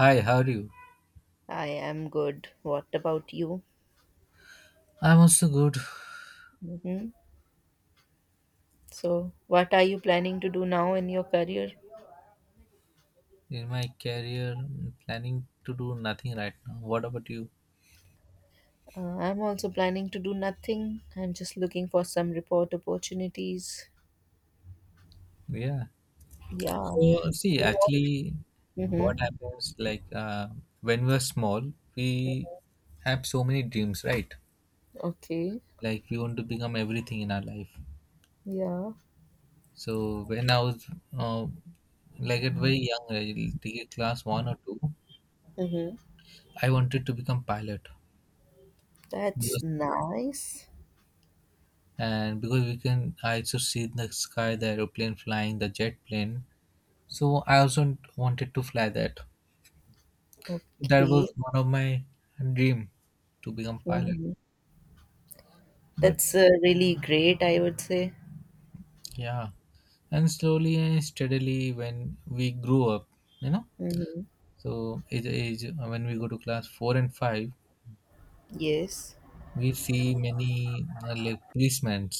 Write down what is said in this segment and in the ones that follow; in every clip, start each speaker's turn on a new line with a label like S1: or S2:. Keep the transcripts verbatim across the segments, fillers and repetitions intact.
S1: Hi, how are you?
S2: I am good. What about you?
S1: I'm also good.
S2: Hmm. So, what are you planning to do now in your career?
S1: In my career, mm, planning to do nothing right now. What about you?
S2: Uh, I'm also planning to do nothing. I'm just looking for some report opportunities.
S1: Yeah.
S2: Yeah.
S1: So, see, actually, what
S2: Mm-hmm.
S1: happens like uh, when we are small, we have so many dreams, right?
S2: Okay.
S1: Like we want to become everything in our life.
S2: Yeah.
S1: So when I was uh, like at very young, age, take class one or two.
S2: Mm-hmm.
S1: I wanted to become pilot
S2: That's
S1: because
S2: nice.
S1: and because we can I used to see in the sky the aeroplane flying, the jet plane. So I also wanted to fly that. That was
S2: Okay.
S1: one of my dream to become pilot.
S2: Mm-hmm.
S1: But
S2: That's uh, really great, I would say.
S1: yeah, and slowly and steadily when we grew up, you know,
S2: Mm-hmm.
S1: so age age when we go to class four and five,
S2: Yes.
S1: we see many uh, like policemen,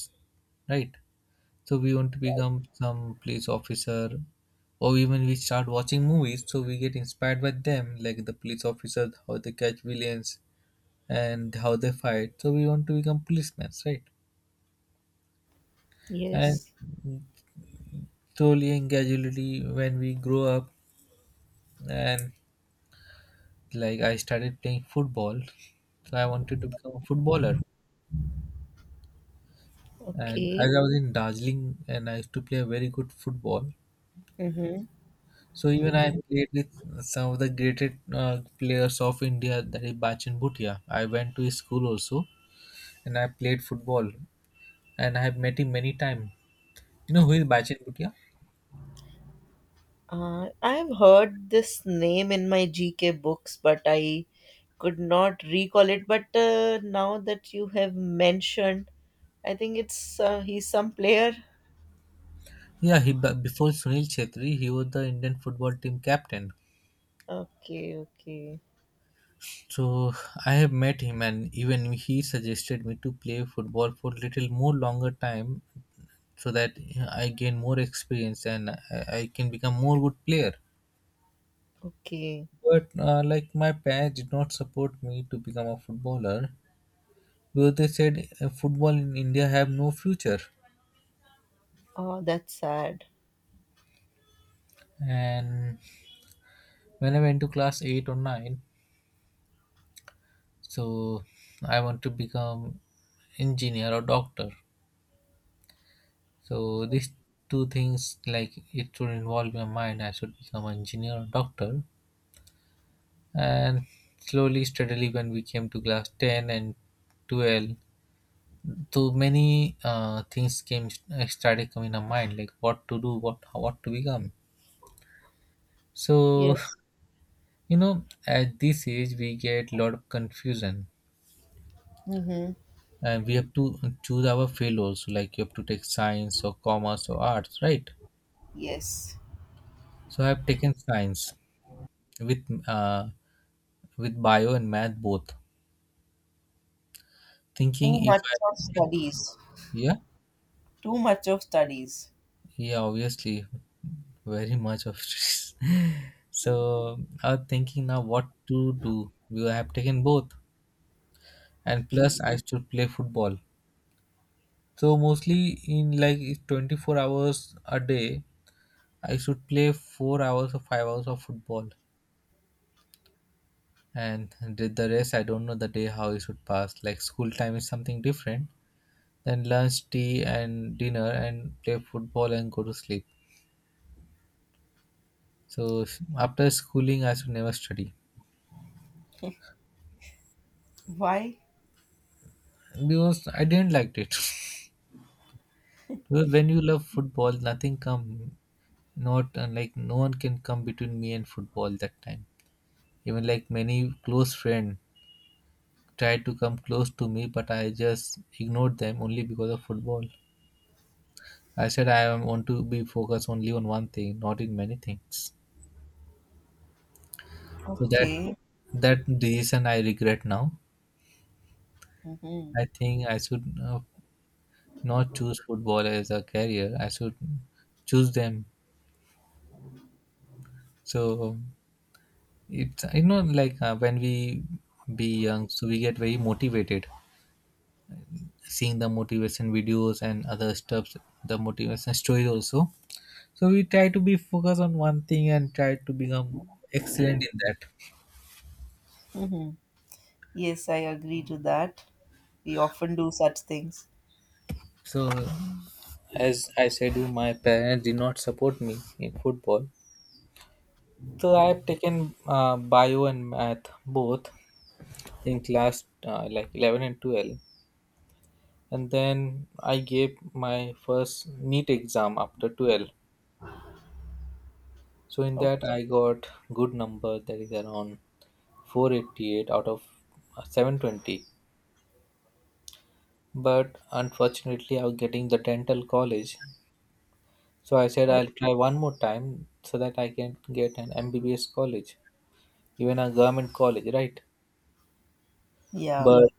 S1: right? So we want to become some police officer, or even we start watching movies, so we get inspired by them, like the police officers, how they catch villains, and how they fight. So we want to become policemen, right? And
S2: Yes.
S1: slowly and gradually, when we grow up, and like I started playing football, so I wanted to become a footballer. And as
S2: Okay.
S1: I was in Darjeeling, and I used to play a very good football.
S2: Mm-hmm.
S1: So even I played with some of the greatest uh, players of India, that is Bachan Bhutia. I went to his school also, and I played football, and I have met him many times. You know who is Bachan Bhutia?
S2: Uh, I've heard this name in my G K books, but I could not recall it. But uh, now that you have mentioned, I think it's uh, he's some player.
S1: Yeah, he but before Sunil Chhetri, he was the Indian football team captain.
S2: Okay, okay,
S1: So I have met him, and even he suggested me to play football for little more longer time, so that yeah, I gain more experience, and I, I can become more good player.
S2: okay.
S1: But uh, like my parents did not support me to become a footballer because they said uh, football in India have no future.
S2: Oh, that's sad.
S1: And when I went to class eight or nine, so I want to become engineer or doctor. So these two things, like it should involve my mind. I should become an engineer or doctor. And slowly, steadily, when we came to class ten and twelve, so many uh, things came uh, started coming in our mind, like what to do, what what to become. So
S2: Yes.
S1: you know, at this age, we get lot of confusion,
S2: Mm-hmm.
S1: and we have to choose our field also. Like you have to take science or commerce or arts, right?
S2: Yes.
S1: So I have taken science with uh, with bio and math both.
S2: Too
S1: Thinking if
S2: much
S1: I
S2: of studies.
S1: Yeah.
S2: Too much of studies.
S1: Yeah, obviously very much of stress. So I am thinking now what to do. We have taken both, and
S2: Okay.
S1: plus I should play football. So mostly in like twenty-four hours a day, I should play four hours or five hours of football, and the the rest I don't know the day how it should pass. Like school time is something different. Then lunch, tea, and dinner, and play football and go to sleep. So s- after schooling, I should never study
S2: Why?
S1: because I didn't like it. Because when you love football, nothing come, not uh, like no one can come between me and football that time. Even like many close friend tried to come close to me, but I just ignored them only because of football. I said I am want to be focused only on one thing, not in many things. So that
S2: Okay.
S1: that decision I regret now.
S2: Mm-hmm.
S1: I think I should uh, not choose football as a career. I should choose them. So it's you know like uh, when we be young, so we get very motivated, seeing the motivation videos and other stuffs, the motivation stories also. So we try to be focused on one thing and try to become excellent in that.
S2: Mm-hmm. Yes, I agree to that. We often do such things.
S1: So, as I said, you my parents did not support me in football. So I have taken uh, bio and math both in class uh, like eleven and twelve, and then I gave my first NEET exam after twelve. So in that
S2: Okay.
S1: I got good number that is around four hundred eighty-eight out of seven hundred twenty. But unfortunately I was getting the dental college. So I said I'll try one more time so that I can get an M B B S college, even a government college, right?
S2: Yeah,
S1: But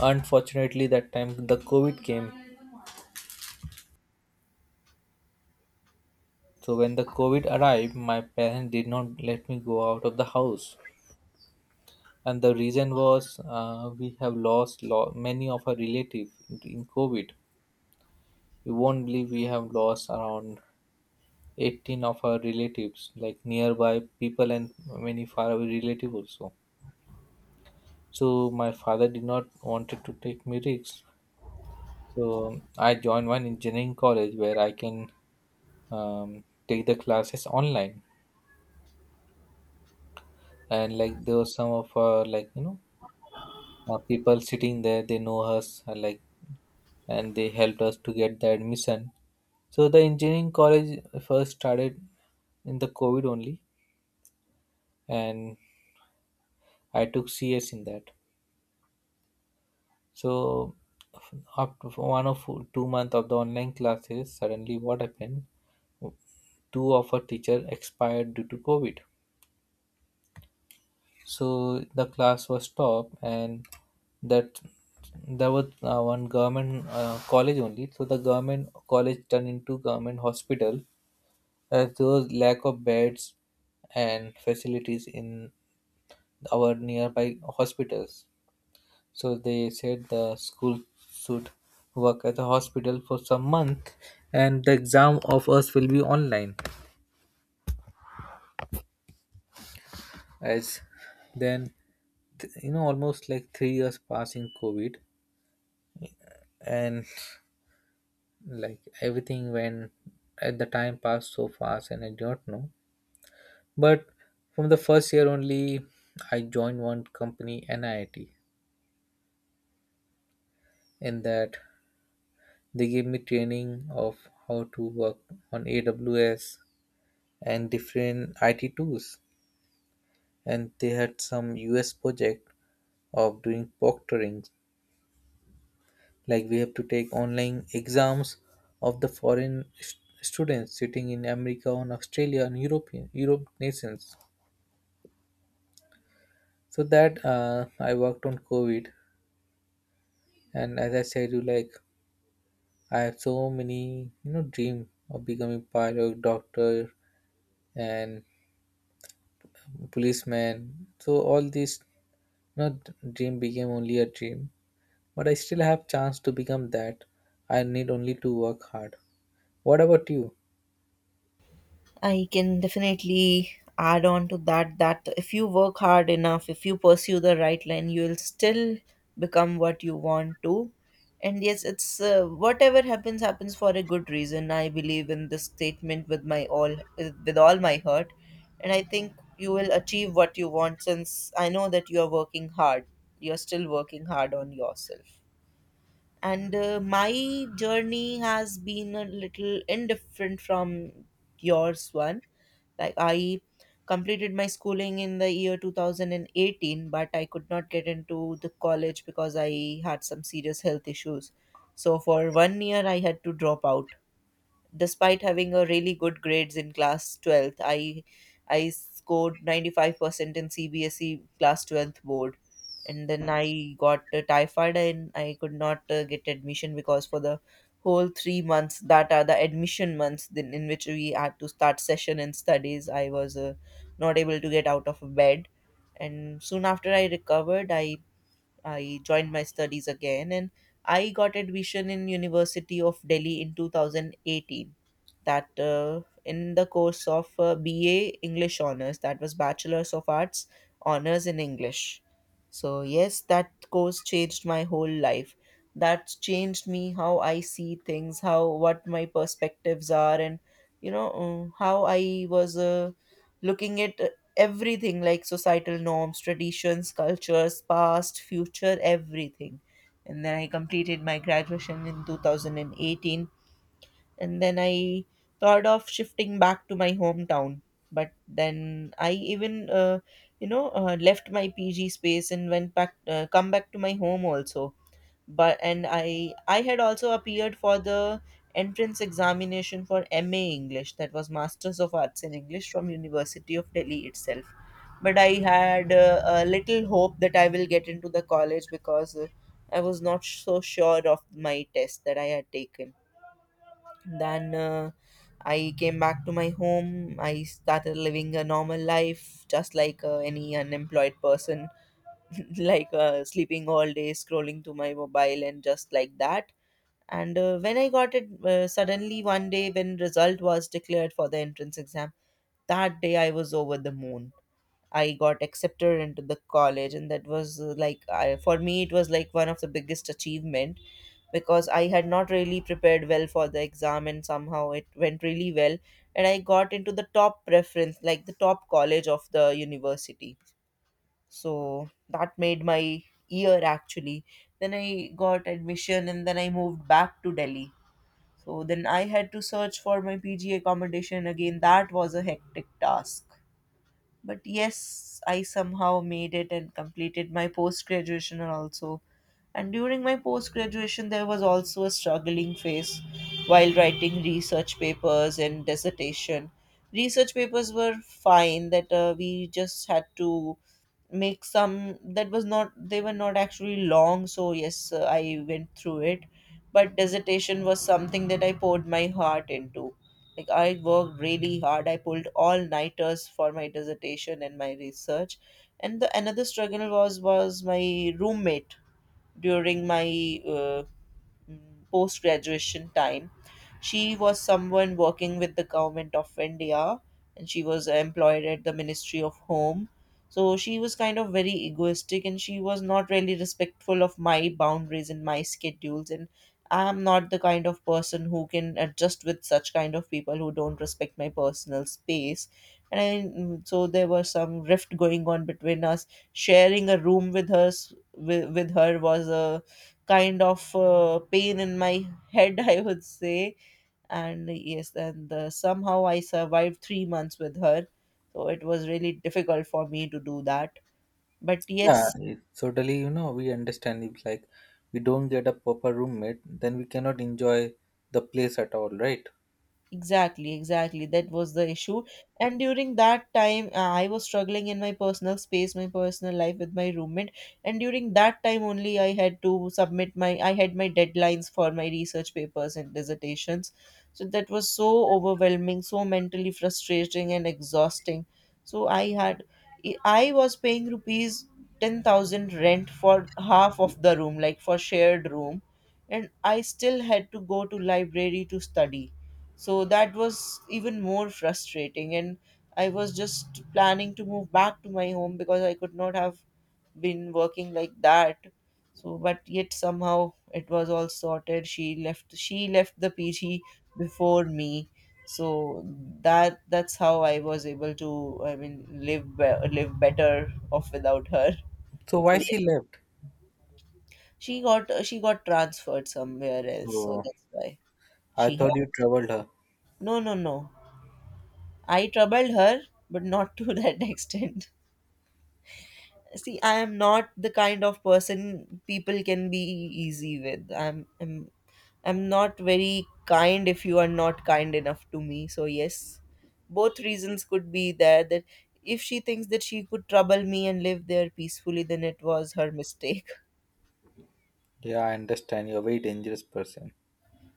S1: unfortunately that time the COVID came. So when the COVID arrived, my parents did not let me go out of the house. And the reason was, uh, we have lost lo- many of our relatives in COVID. You won't believe we have lost around eighteen of our relatives, like nearby people and many faraway relatives also. So my father did not wanted to take me risks. So I joined one engineering college where I can um, take the classes online. And like there was some of uh, like you know uh, people sitting there, they know us uh, like, and they helped us to get the admission. So the engineering college first started in the COVID only, and I took C S in that. So after one of two month of the online classes, suddenly what happened? Two of our teacher expired due to COVID. So the class was stopped, and that there was uh, one government uh, college only. So the government college turned into government hospital. As there was lack of beds and facilities in our nearby hospitals. So they said the school should work at the hospital for some month, and the exam of us will be online. As then, th- you know, almost like three years passing COVID, and like everything went at the time passed so fast, and I do not know. But from the first year only, I joined one company, N I T, in that they gave me training of how to work on A W S and different I T tools. And they had some U S project of doing proctoring, like we have to take online exams of the foreign st- students sitting in America, on Australia, and European Europe nations. So that uh, I worked on COVID, and as I said, you like I have so many you know dream of becoming pilot, doctor, and policeman. So all these you know, dream became only a dream, but I still have chance to become that. I need only to work hard. What about you?
S2: I can definitely add on to that that if you work hard enough, if you pursue the right line, you will still become what you want to. And yes, it's uh, whatever happens happens for a good reason. I believe in this statement with my all with all my heart, and I think you will achieve what you want since I know that you are working hard. You're still working hard on yourself. And uh, my journey has been a little indifferent from yours one. Like I completed my schooling in the year two thousand eighteen, but I could not get into the college because I had some serious health issues, so for one year I had to drop out. Despite having a really good grades in class twelfth, i i scored ninety-five percent in C B S E class twelfth board. And then I got uh, typhoid and I could not uh, get admission, because for the whole three months that are the admission months then, in which we had to start session and studies, I was uh, not able to get out of bed. And soon after I recovered, i I joined my studies again. And I got admission in University of Delhi in two thousand eighteen, that uh, in the course of uh, B A English honors, that was bachelor's of arts honors in English. So yes, that course changed my whole life. That's changed me how I see things, how what my perspectives are, and you know, um, how I was uh, looking at everything, like societal norms, traditions, cultures, past, future, everything. And then I completed my graduation in two thousand eighteen. And then I thought of shifting back to my hometown. But then I even, uh, you know, uh, left my P G space and went back, uh, come back to my home also. But and i i had also appeared for the entrance examination for M A english, that was masters of arts in English from University of Delhi itself. But I had uh, a little hope that I will get into the college, because uh, I was not so sure of my test that I had taken. Then uh, I came back to my home. I started living a normal life, just like uh, any unemployed person. Like uh, sleeping all day, scrolling to my mobile, and just like that. And uh, when I got it uh, suddenly one day when result was declared for the entrance exam, that day I was over the moon. I got accepted into the college, and that was uh, like I, for me it was like one of the biggest achievement, because I had not really prepared well for the exam, and somehow it went really well, and I got into the top preference, like the top college of the university. So that made my year actually. Then I got admission, and then I moved back to Delhi. So then I had to search for my P G accommodation again. That was a hectic task. But yes, I somehow made it and completed my post graduation also. And during my post graduation, there was also a struggling phase while writing research papers and dissertation. Research papers were fine, that uh, we just had to make some. That was not, they were not actually long. So yes, uh, I went through it. But dissertation was something that I poured my heart into. Like I worked really hard, I pulled all nighters for my dissertation and my research. And the another struggle was was my roommate during my uh, post graduation time. She was someone working with the government of India, and she was employed at the Ministry of Home. So she was kind of very egoistic, and she was not really respectful of my boundaries and my schedules. And I, am not the kind of person who can adjust with such kind of people who don't respect my personal space. And I, mm, so there was some rift going on between us. Sharing a room with her, with, with her was a kind of uh, pain in my head, I would say. And yes, and uh, somehow I survived three months with her. So it was really difficult for me to do that. But
S1: Yeah,
S2: yes,
S1: it- totally. You know, we understand if like we don't get a proper roommate, then we cannot enjoy the place at all, right?
S2: exactly, exactly. That was the issue. And during that time, uh, I was struggling in my personal space, my personal life with my roommate. And during that time only, I had to submit my, I had my deadlines for my research papers and dissertations. So that was so overwhelming, so mentally frustrating and exhausting. So I had, I was paying rupees ten thousand rent for half of the room, like for shared room. And I still had to go to library to study, so that was even more frustrating. And I was just planning to move back to my home because I could not have been working like that. So, but yet somehow it was all sorted. She left. She left the P G before me. So that that's how I was able to. I mean, live be- live better off without her.
S1: So
S2: So
S1: why she
S2: yes,
S1: left?
S2: she got she got transferred somewhere else. So
S1: Oh,
S2: that's why
S1: I
S2: she
S1: thought
S2: had.
S1: you troubled her.
S2: No, no, no. I troubled her, but not to that extent. See, I am not the kind of person people can be easy with. I'm, I'm, I'm not very kind if you are not kind enough to me. So yes, both reasons could be there. That if she thinks that she could trouble me and live there peacefully, then it was her mistake.
S1: Yeah, I understand. You're a very dangerous person.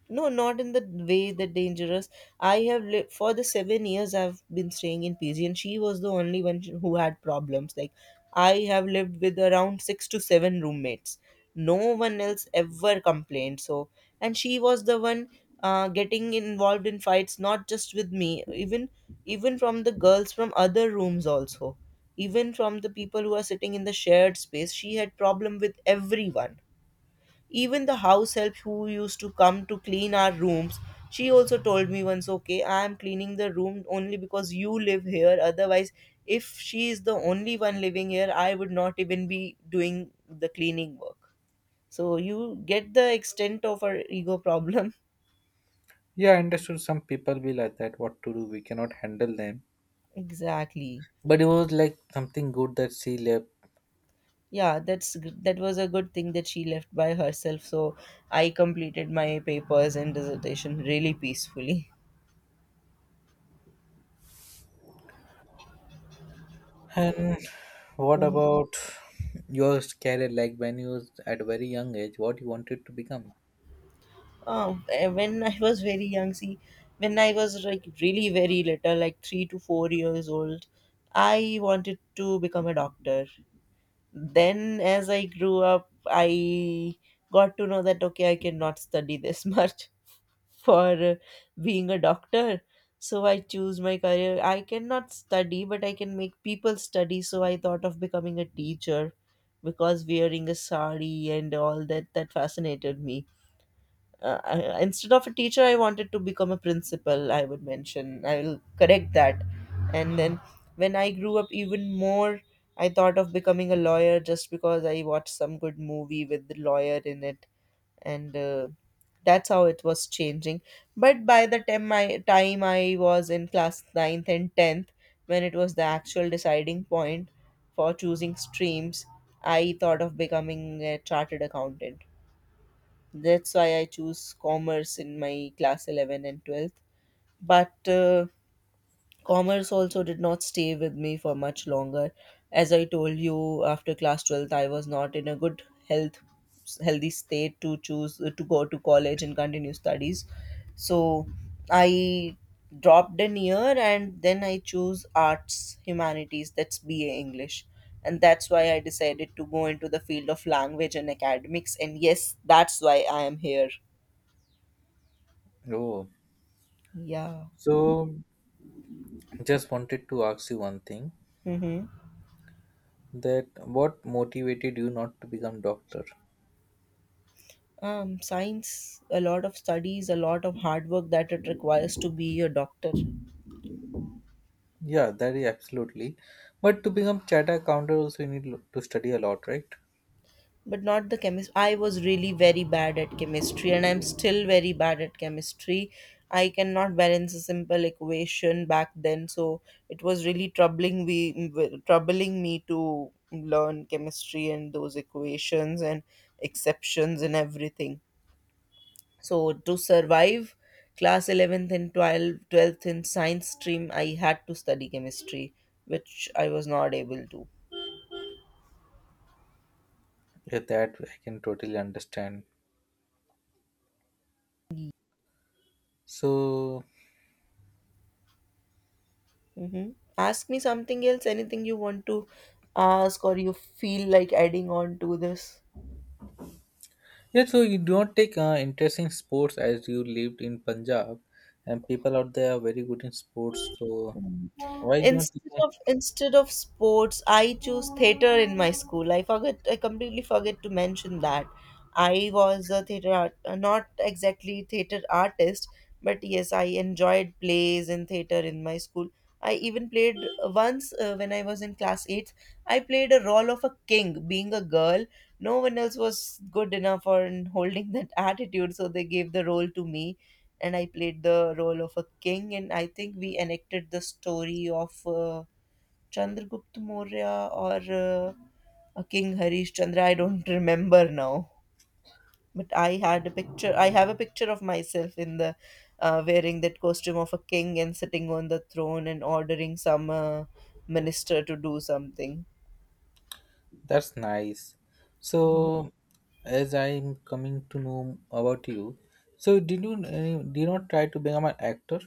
S2: No, not in the way that dangerous. I have lived for the seven years I've been staying in P G, and she was the only one who had problems. Like, I have lived with around six to seven roommates. No one else ever complained. So, and she was the one uh, getting involved in fights, not just with me, even even from the girls from other rooms also, even from the people who are sitting in the shared space. She had problem with everyone, even the house help who used to come to clean our rooms. She also told me once, okay, I am cleaning the room only because you live here. Otherwise, if she is the only one living here, I would not even be doing the cleaning work. So you get the extent of her ego problem.
S1: Yeah, I understood. Some people be like that. What to do? We cannot handle them.
S2: Exactly.
S1: But it was like something good that she left.
S2: Yeah, that's g- that was a good thing that she left by herself. So I completed my papers and dissertation really peacefully.
S1: And what about your career? Like when you was at a very young age, what you wanted to become?
S2: Oh, eh, when I was very young, see, when I was like really very little, like three to four years old, I wanted to become a doctor. Then, as I grew up, I got to know that okay, I cannot study this much for uh, being a doctor. So I choose my career. I cannot study, but I can make people study. So I thought of becoming a teacher because wearing a sari and all that that fascinated me. Uh, I- instead of a teacher, I wanted to become a principal, I would mention, I will correct that. And then when I grew up even more, I thought of becoming a lawyer just because I watched some good movie with the lawyer in it. And uh, that's how it was changing. But by the time i time I was in class ninth and tenth, when it was the actual deciding point for choosing streams, I thought of becoming a chartered accountant. That's why I choose commerce in my class eleven and twelfth. But uh, commerce also did not stay with me for much longer. As I told you, after class twelfth, I was not in a good health healthy state to choose to go to college and continue studies. So I dropped an year and then I choose arts, humanities, that's B A English. And that's why I decided to go into the field of language and academics. And yes, that's why I am here.
S1: Oh,
S2: Yeah.
S1: so just wanted to ask you one thing,
S2: Mm-hmm.
S1: that what motivated you not to become doctor?
S2: Um, science, a lot of studies, a lot of hard work that it requires to be a doctor,
S1: Yeah, that is absolutely. But to become chartered counter also you need lo- to study a lot, right?
S2: but not the chemist. I was really very bad at chemistry, and I'm still very bad at chemistry. I cannot balance a simple equation back then, so it was really troubling we troubling me to learn chemistry and those equations and exceptions and everything. So to survive class eleventh and twelve twelfth in science stream, I had to study chemistry, which I was not able to.
S1: Yeah, that I can totally understand. So
S2: hmm Ask me something else, anything you want to ask or you feel like adding on to this.
S1: yeah, so you do not take uh, interest in sports as you lived in Punjab, and people out there are very good in sports. So.
S2: Mm.
S1: Why don't you?
S2: Instead of instead of sports, I chose theater in my school. I forget, I completely forget to mention that I was a theater art, uh, not exactly theater artist, but yes, I enjoyed plays and theater in my school. I even played once uh, when I was in class eight. I played a role of a king, being a girl. No one else was good enough or in holding that attitude, so they gave the role to me and I played the role of a king. And I think we enacted the story of uh, Chandragupta Maurya or uh, a King Harish Chandra. I don't remember now. But I had a picture. I have a picture of myself in the uh, wearing that costume of a king and sitting on the throne and ordering some uh, minister to do something.
S1: That's nice. So, as I'm coming to know about you, so did you uh, did you not try to become an actor?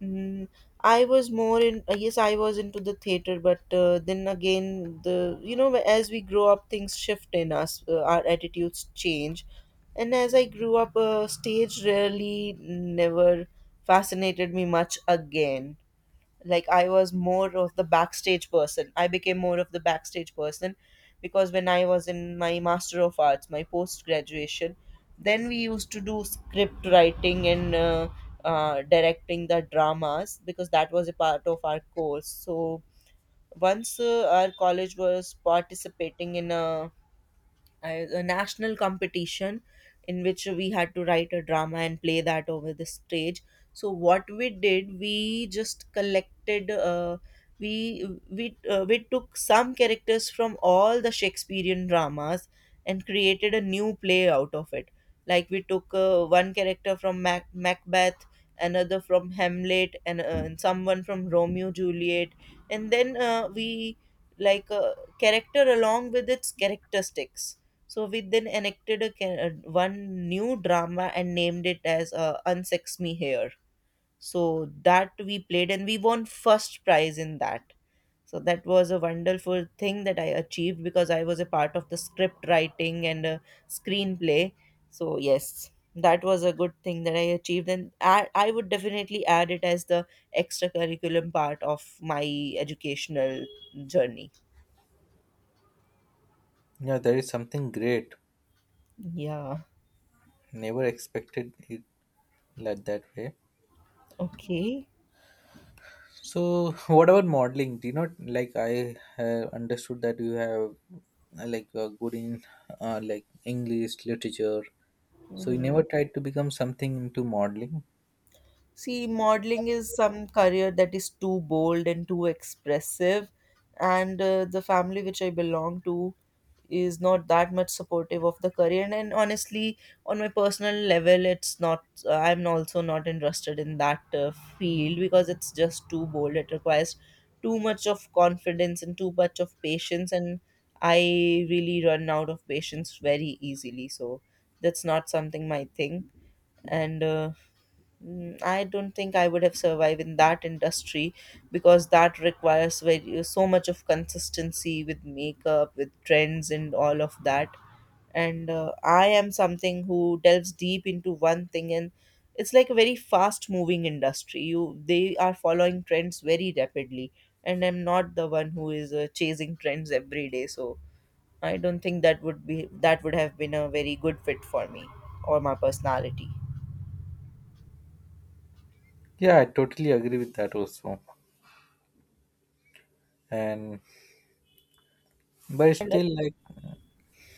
S2: Mm, I was more in, uh, yes, I was into the theater, but uh, then again, the, you know, as we grow up, things shift in us, uh, our attitudes change. And as I grew up, uh, stage really never fascinated me much again. Like, i was more of the backstage person I became more of the backstage person, because when I was in my master of arts, my post graduation, then we used to do script writing and uh, uh, directing the dramas, because that was a part of our course. So once, uh, our college was participating in a I- a national competition in which we had to write a drama and play that over the stage. So what we did, we just collected, uh, we we uh, we took some characters from all the Shakespearean dramas and created a new play out of it. Like, we took uh, one character from Mac- Macbeth, another from Hamlet, and, uh, and someone from Romeo Juliet, and then uh, we like uh, character along with its characteristics. So we then enacted a, ca- uh, one new drama and named it as uh, Unsex Me Here. So that we played and we won first prize in that. So that was a wonderful thing that I achieved because I was a part of the script writing and uh, screenplay. So yes, that was a good thing that I achieved, and I, I would definitely add it as the extracurriculum part of my educational journey.
S1: Yeah, that is something great.
S2: Yeah.
S1: Never expected it like that way.
S2: Okay.
S1: So, what about modeling? Do you not like, I have understood that you have uh, like uh, good in uh, like English literature. So you never
S2: Mhm.
S1: tried to become something into modeling.
S2: See, modeling is some career that is too bold and too expressive, and uh, the family which I belong to is not that much supportive of the career. And, and honestly, on my personal level, it's not. Uh, I'm also not interested in that uh, field because it's just too bold. It requires too much of confidence and too much of patience, and I really run out of patience very easily. So that's not something my thing. and. Uh, Mm, I don't think I would have survived in that industry because that requires very so much of consistency with makeup, with trends, and all of that. And uh, I am something who delves deep into one thing, and it's like a very fast-moving industry. You They are following trends very rapidly, and I'm not the one who is uh, chasing trends every day. So I don't think that would be that would have been a very good fit for me or my personality.
S1: Yeah, I totally agree with that also. And but
S2: And
S1: still, like,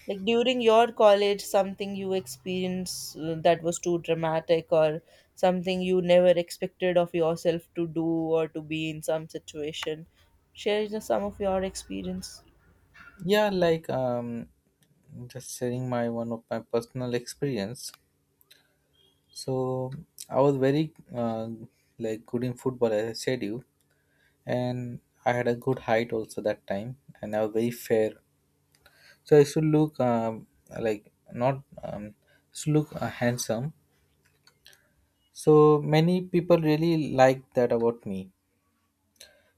S2: Like, during your college, something you experienced uh, that was too dramatic, or something you never expected of yourself to do or to be in some situation. Share just some of your experience.
S1: yeah, like um just sharing my one of my personal experience. So I was very uh, like good in football, as I said you, and I had a good height also that time, and I was very fair. So I used to look, um, like, not, um, used to look uh, handsome. So many people really liked that about me.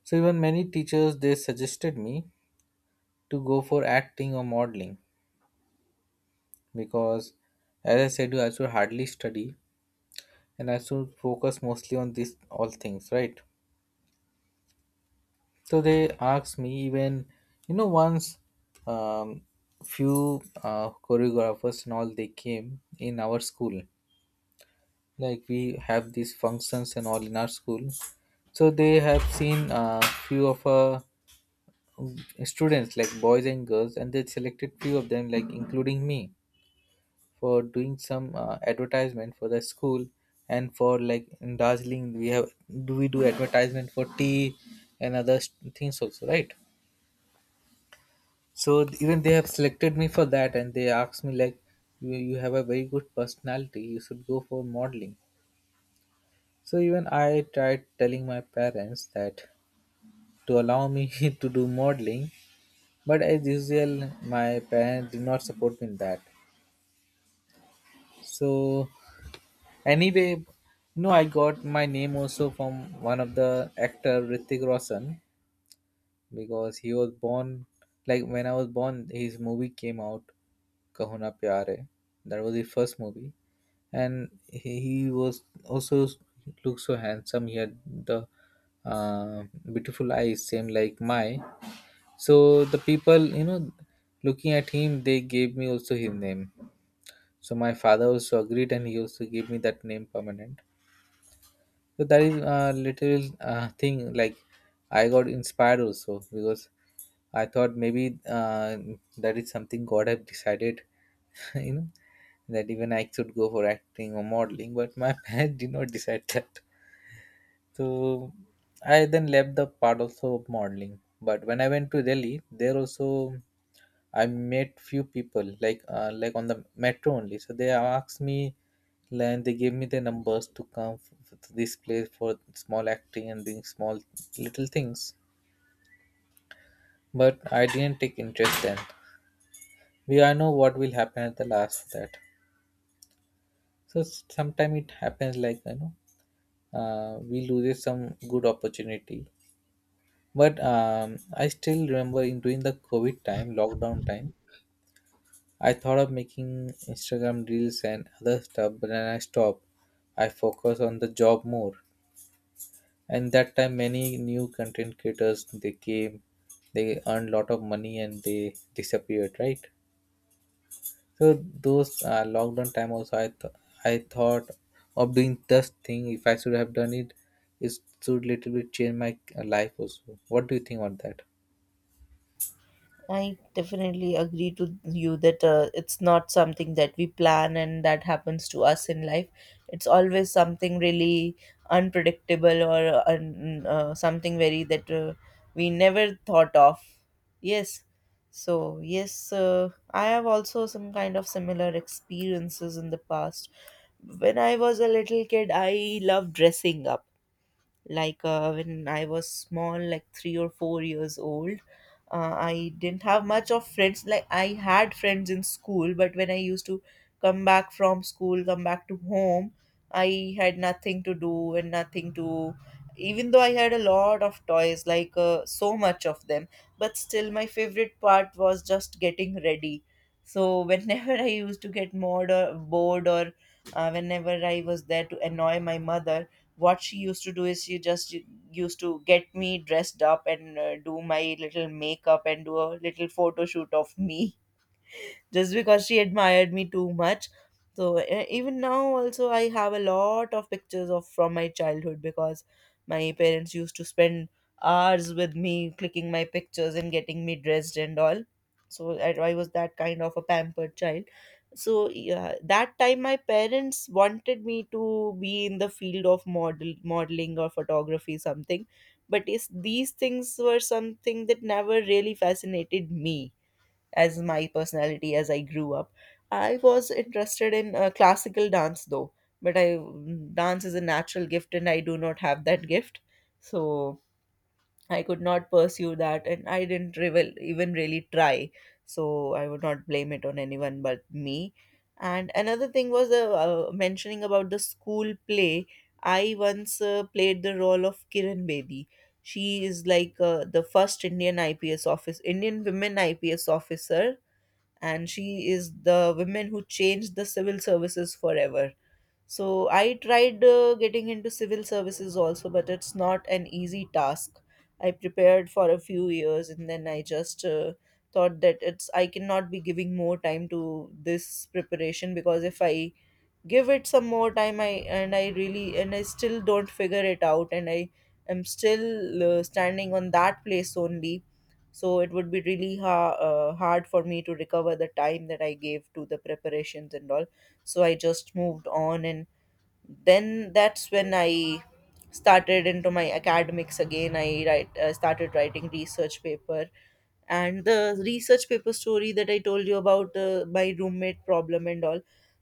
S1: So even many teachers they suggested me to go for acting or modeling because, as I said, I should hardly study, and I should focus mostly on these all things, right? So they asked me even, you know, once, um, few uh, choreographers and all they came in our school. Like we have these functions and all in our school, so they have seen uh, few of uh, students like boys and girls, and they selected few of them, like including me, for doing some uh, advertisement for the school, and for like in Darjeeling we have do we do advertisement for tea and other s- things also, right? So th- even they have selected me for that, and they asked me, like, you, you have a very good personality, you should go for modeling. So even I tried telling my parents that, to allow me to do modeling, but as usual my parents did not support me in that. So, anyway, no, I got my name also from one of the actor Ritik Roshan, because he was born like when I was born, his movie came out, Kahuna Pyare. That was his first movie, and he, he was also looked so handsome. He had the uh, beautiful eyes, same like my. So the people, you know, looking at him, they gave me also his name. So my father also agreed, and he also gave me that name permanent. So that is a little uh, thing, like I got inspired also because I thought maybe uh, that is something God have decided, you know, that even I should go for acting or modeling, but my parents did not decide that. So I then left the part also of modeling. But when I went to Delhi, there also I met few people like uh, like on the metro only. So they asked me, and they gave me their numbers to come f- to this place for small acting and doing small little things. But I didn't take interest then. We all know what will happen at the last for that. So sometimes it happens like you know, uh, we lose some good opportunity. But um, I still remember in during the COVID time, lockdown time, I thought of making Instagram reels and other stuff, but then I stopped. I focus on the job more. And that time, many new content creators they came, they earned lot of money and they disappeared, right? So those uh, lockdown time also, I th- I thought of doing this thing. If I should have done it, it should little bit change my uh, life also. What do you think on that?
S2: I definitely agree to you that uh, it's not something that we plan and that happens to us in life. It's always something really unpredictable or uh, un, uh, something very that uh, we never thought of. Yes. So, yes, uh, I have also some kind of similar experiences in the past. When I was a little kid, I loved dressing up, like uh, when I was small, like three or four years old. uh, I didn't have much of friends. Like, I had friends in school, but when I used to come back from school, come back to home, I had nothing to do and nothing to, even though I had a lot of toys, like uh, so much of them, but still my favorite part was just getting ready. So whenever I used to get bored or bored, or uh, whenever I was there to annoy my mother, what she used to do is she just used to get me dressed up and uh, do my little makeup and do a little photo shoot of me, just because she admired me too much. So, e- even now, also, I have a lot of pictures of from my childhood, because my parents used to spend hours with me clicking my pictures and getting me dressed and all. So I, I was that kind of a pampered child. So yeah, that time my parents wanted me to be in the field of model modeling or photography something, but is these things were something that never really fascinated me as my personality as I grew up. I was interested in uh, classical dance though, but I dance is a natural gift and I do not have that gift. So I could not pursue that and I didn't revel, even really try. So I would not blame it on anyone but me. And another thing was uh, uh, mentioning about the school play. I once uh, played the role of Kiran Bedi. She is like uh, the first Indian I P S office, Indian women I P S officer, and she is the woman who changed the civil services forever. So I tried uh, getting into civil services also, but it's not an easy task. I prepared for a few years, and then I just uh, thought that it's I cannot be giving more time to this preparation, because if I give it some more time, i and I really, and I still don't figure it out, and I am still uh, standing on that place only. So it would be really ha- uh, hard for me to recover the time that I gave to the preparations and all. So I just moved on, and then that's when I started into my academics again. I write, uh, started writing research paper. And the research paper story that I told you about, uh, my roommate problem and all,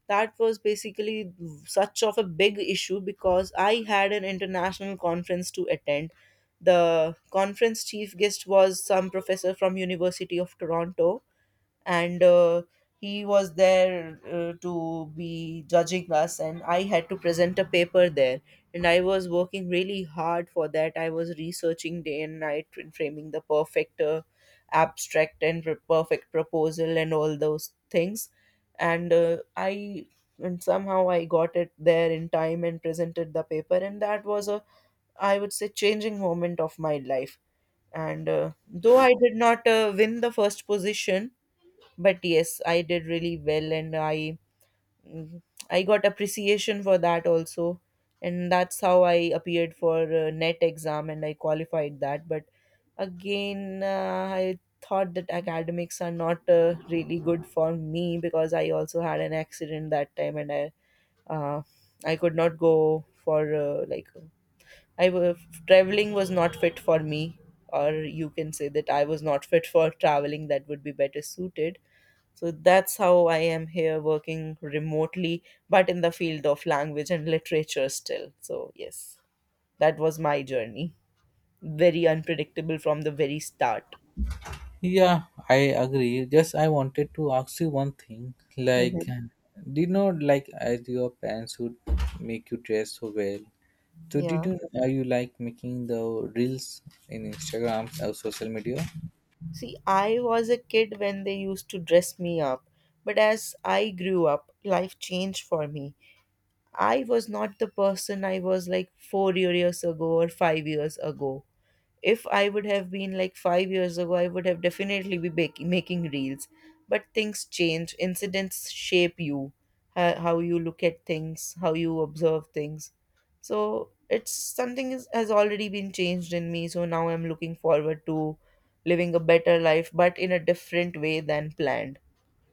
S2: that was basically such of a big issue, because I had an international conference to attend. The conference chief guest was some professor from University of Toronto, and uh, he was there uh, to be judging us, and I had to present a paper there, and I was working really hard for that. I was researching day and night and framing the perfect uh, abstract and per- perfect proposal and all those things, and uh, I and somehow I got it there in time and presented the paper, and that was a, I would say, changing moment of my life. And uh, though I did not uh, win the first position, but yes, I did really well, and i mm, I got appreciation for that also. And that's how I appeared for uh, net exam, and I qualified that. But again, uh, I thought that academics are not uh, really good for me, because I also had an accident that time, and I uh, I could not go for uh, like I was traveling was not fit for me, or you can say that I was not fit for traveling, that would be better suited. So that's how I am here working remotely, but in the field of language and literature still. So, yes, that was my journey. Very unpredictable from the very start.
S1: Yeah, I agree. Just I wanted to ask you one thing. Like,
S2: Mhm.
S1: do you know, like, as your parents would make you dress so well, so did
S2: Yeah.
S1: you are you like making the reels in Instagram or social media?
S2: See, I was a kid when they used to dress me up, but as I grew up, life changed for me. I was not the person I was like four years ago or five years ago. If I would have been like five years ago, I would have definitely be baking, making reels. But things change. Incidents shape you, how, how you look at things, how you observe things. So it's something is, has already been changed in me. So now I'm looking forward to living a better life, but in a different way than planned.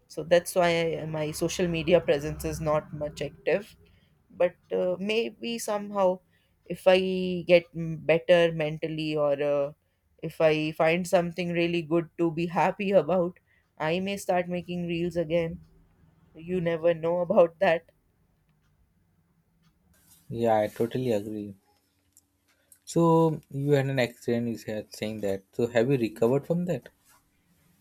S2: So that's why I, my social media presence is not much active, but uh, maybe somehow, if I get m- better mentally, or uh, if I find something really good to be happy about, I may start making reels again. You never know about that.
S1: Yeah, I totally agree. So you had an accident. You said saying that. So have you recovered from that?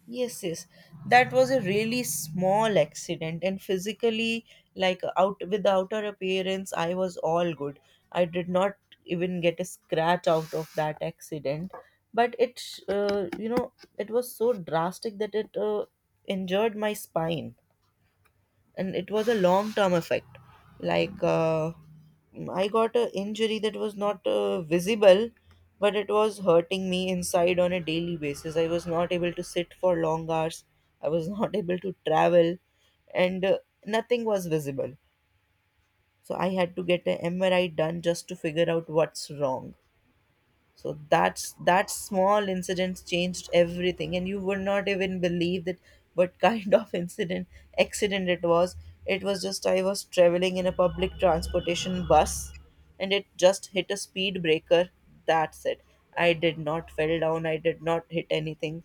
S2: Yes, yes. That was a really small accident, and physically, like out with the outer appearance, I was all good. I did not even get a scratch out of that accident, but it, uh, you know, it was so drastic that it uh, injured my spine, and it was a long term effect. Like, uh, I got an injury that was not uh, visible, but it was hurting me inside on a daily basis. I was not able to sit for long hours. I was not able to travel, and uh, nothing was visible. So I had to get an M R I done just to figure out what's wrong. So that's, that small incident changed everything, and you would not even believe that what kind of incident accident it was. It was just, I was traveling in a public transportation bus, and it just hit a speed breaker. That's it. I did not fell down, I did not hit anything.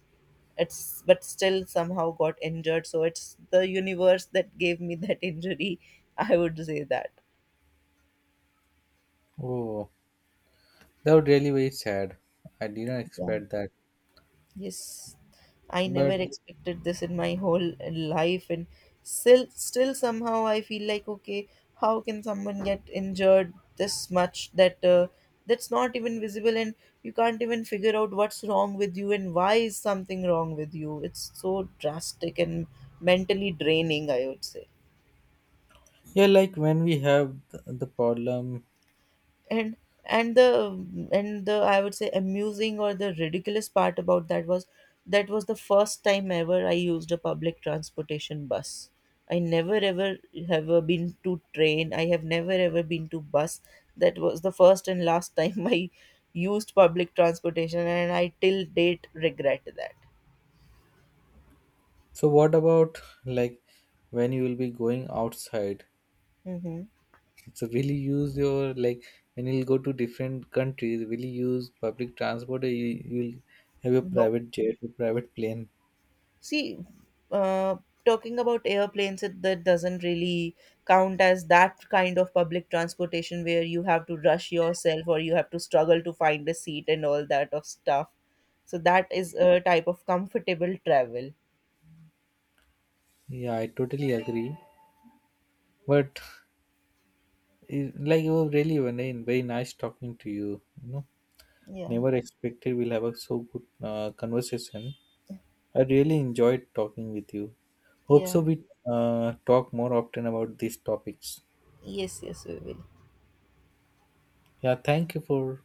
S2: It's, but still somehow got injured. So it's the universe that gave me that injury, I would say that.
S1: Oh, that was really very sad. I didn't
S2: Yeah.
S1: expect that.
S2: Yes, I never
S1: But
S2: expected this in my whole life, and still, still somehow I feel like, okay, how can someone get injured this much that uh, that's not even visible, and you can't even figure out what's wrong with you and why is something wrong with you? It's so drastic and mentally draining, I would say.
S1: yeah, like when we have th- the problem.
S2: and and the and the I would say amusing or the ridiculous part about that was that was the first time ever I used a public transportation bus. I never ever have uh, been to train, I have never ever been to bus. That was the first and last time I used public transportation, and I till date regret that.
S1: So what about, like, when you will be going outside?
S2: Mm-hmm.
S1: So will you use your, like, when you'll go to different countries, will you use public transport, or you, you'll have your
S2: No.
S1: private jet or private plane?
S2: See, uh, talking about airplanes, it, that doesn't really count as that kind of public transportation where you have to rush yourself or you have to struggle to find a seat and all that of stuff. So that is a type of comfortable travel.
S1: Yeah, I totally agree. But it- like you were really very very nice talking to you. You know,
S2: Yeah.
S1: never expected we'll have a so good uh, conversation. I really enjoyed talking with you. Hope so
S2: Yeah.
S1: we uh, talk more often about these topics.
S2: Yes, yes, we will.
S1: Yeah, thank you for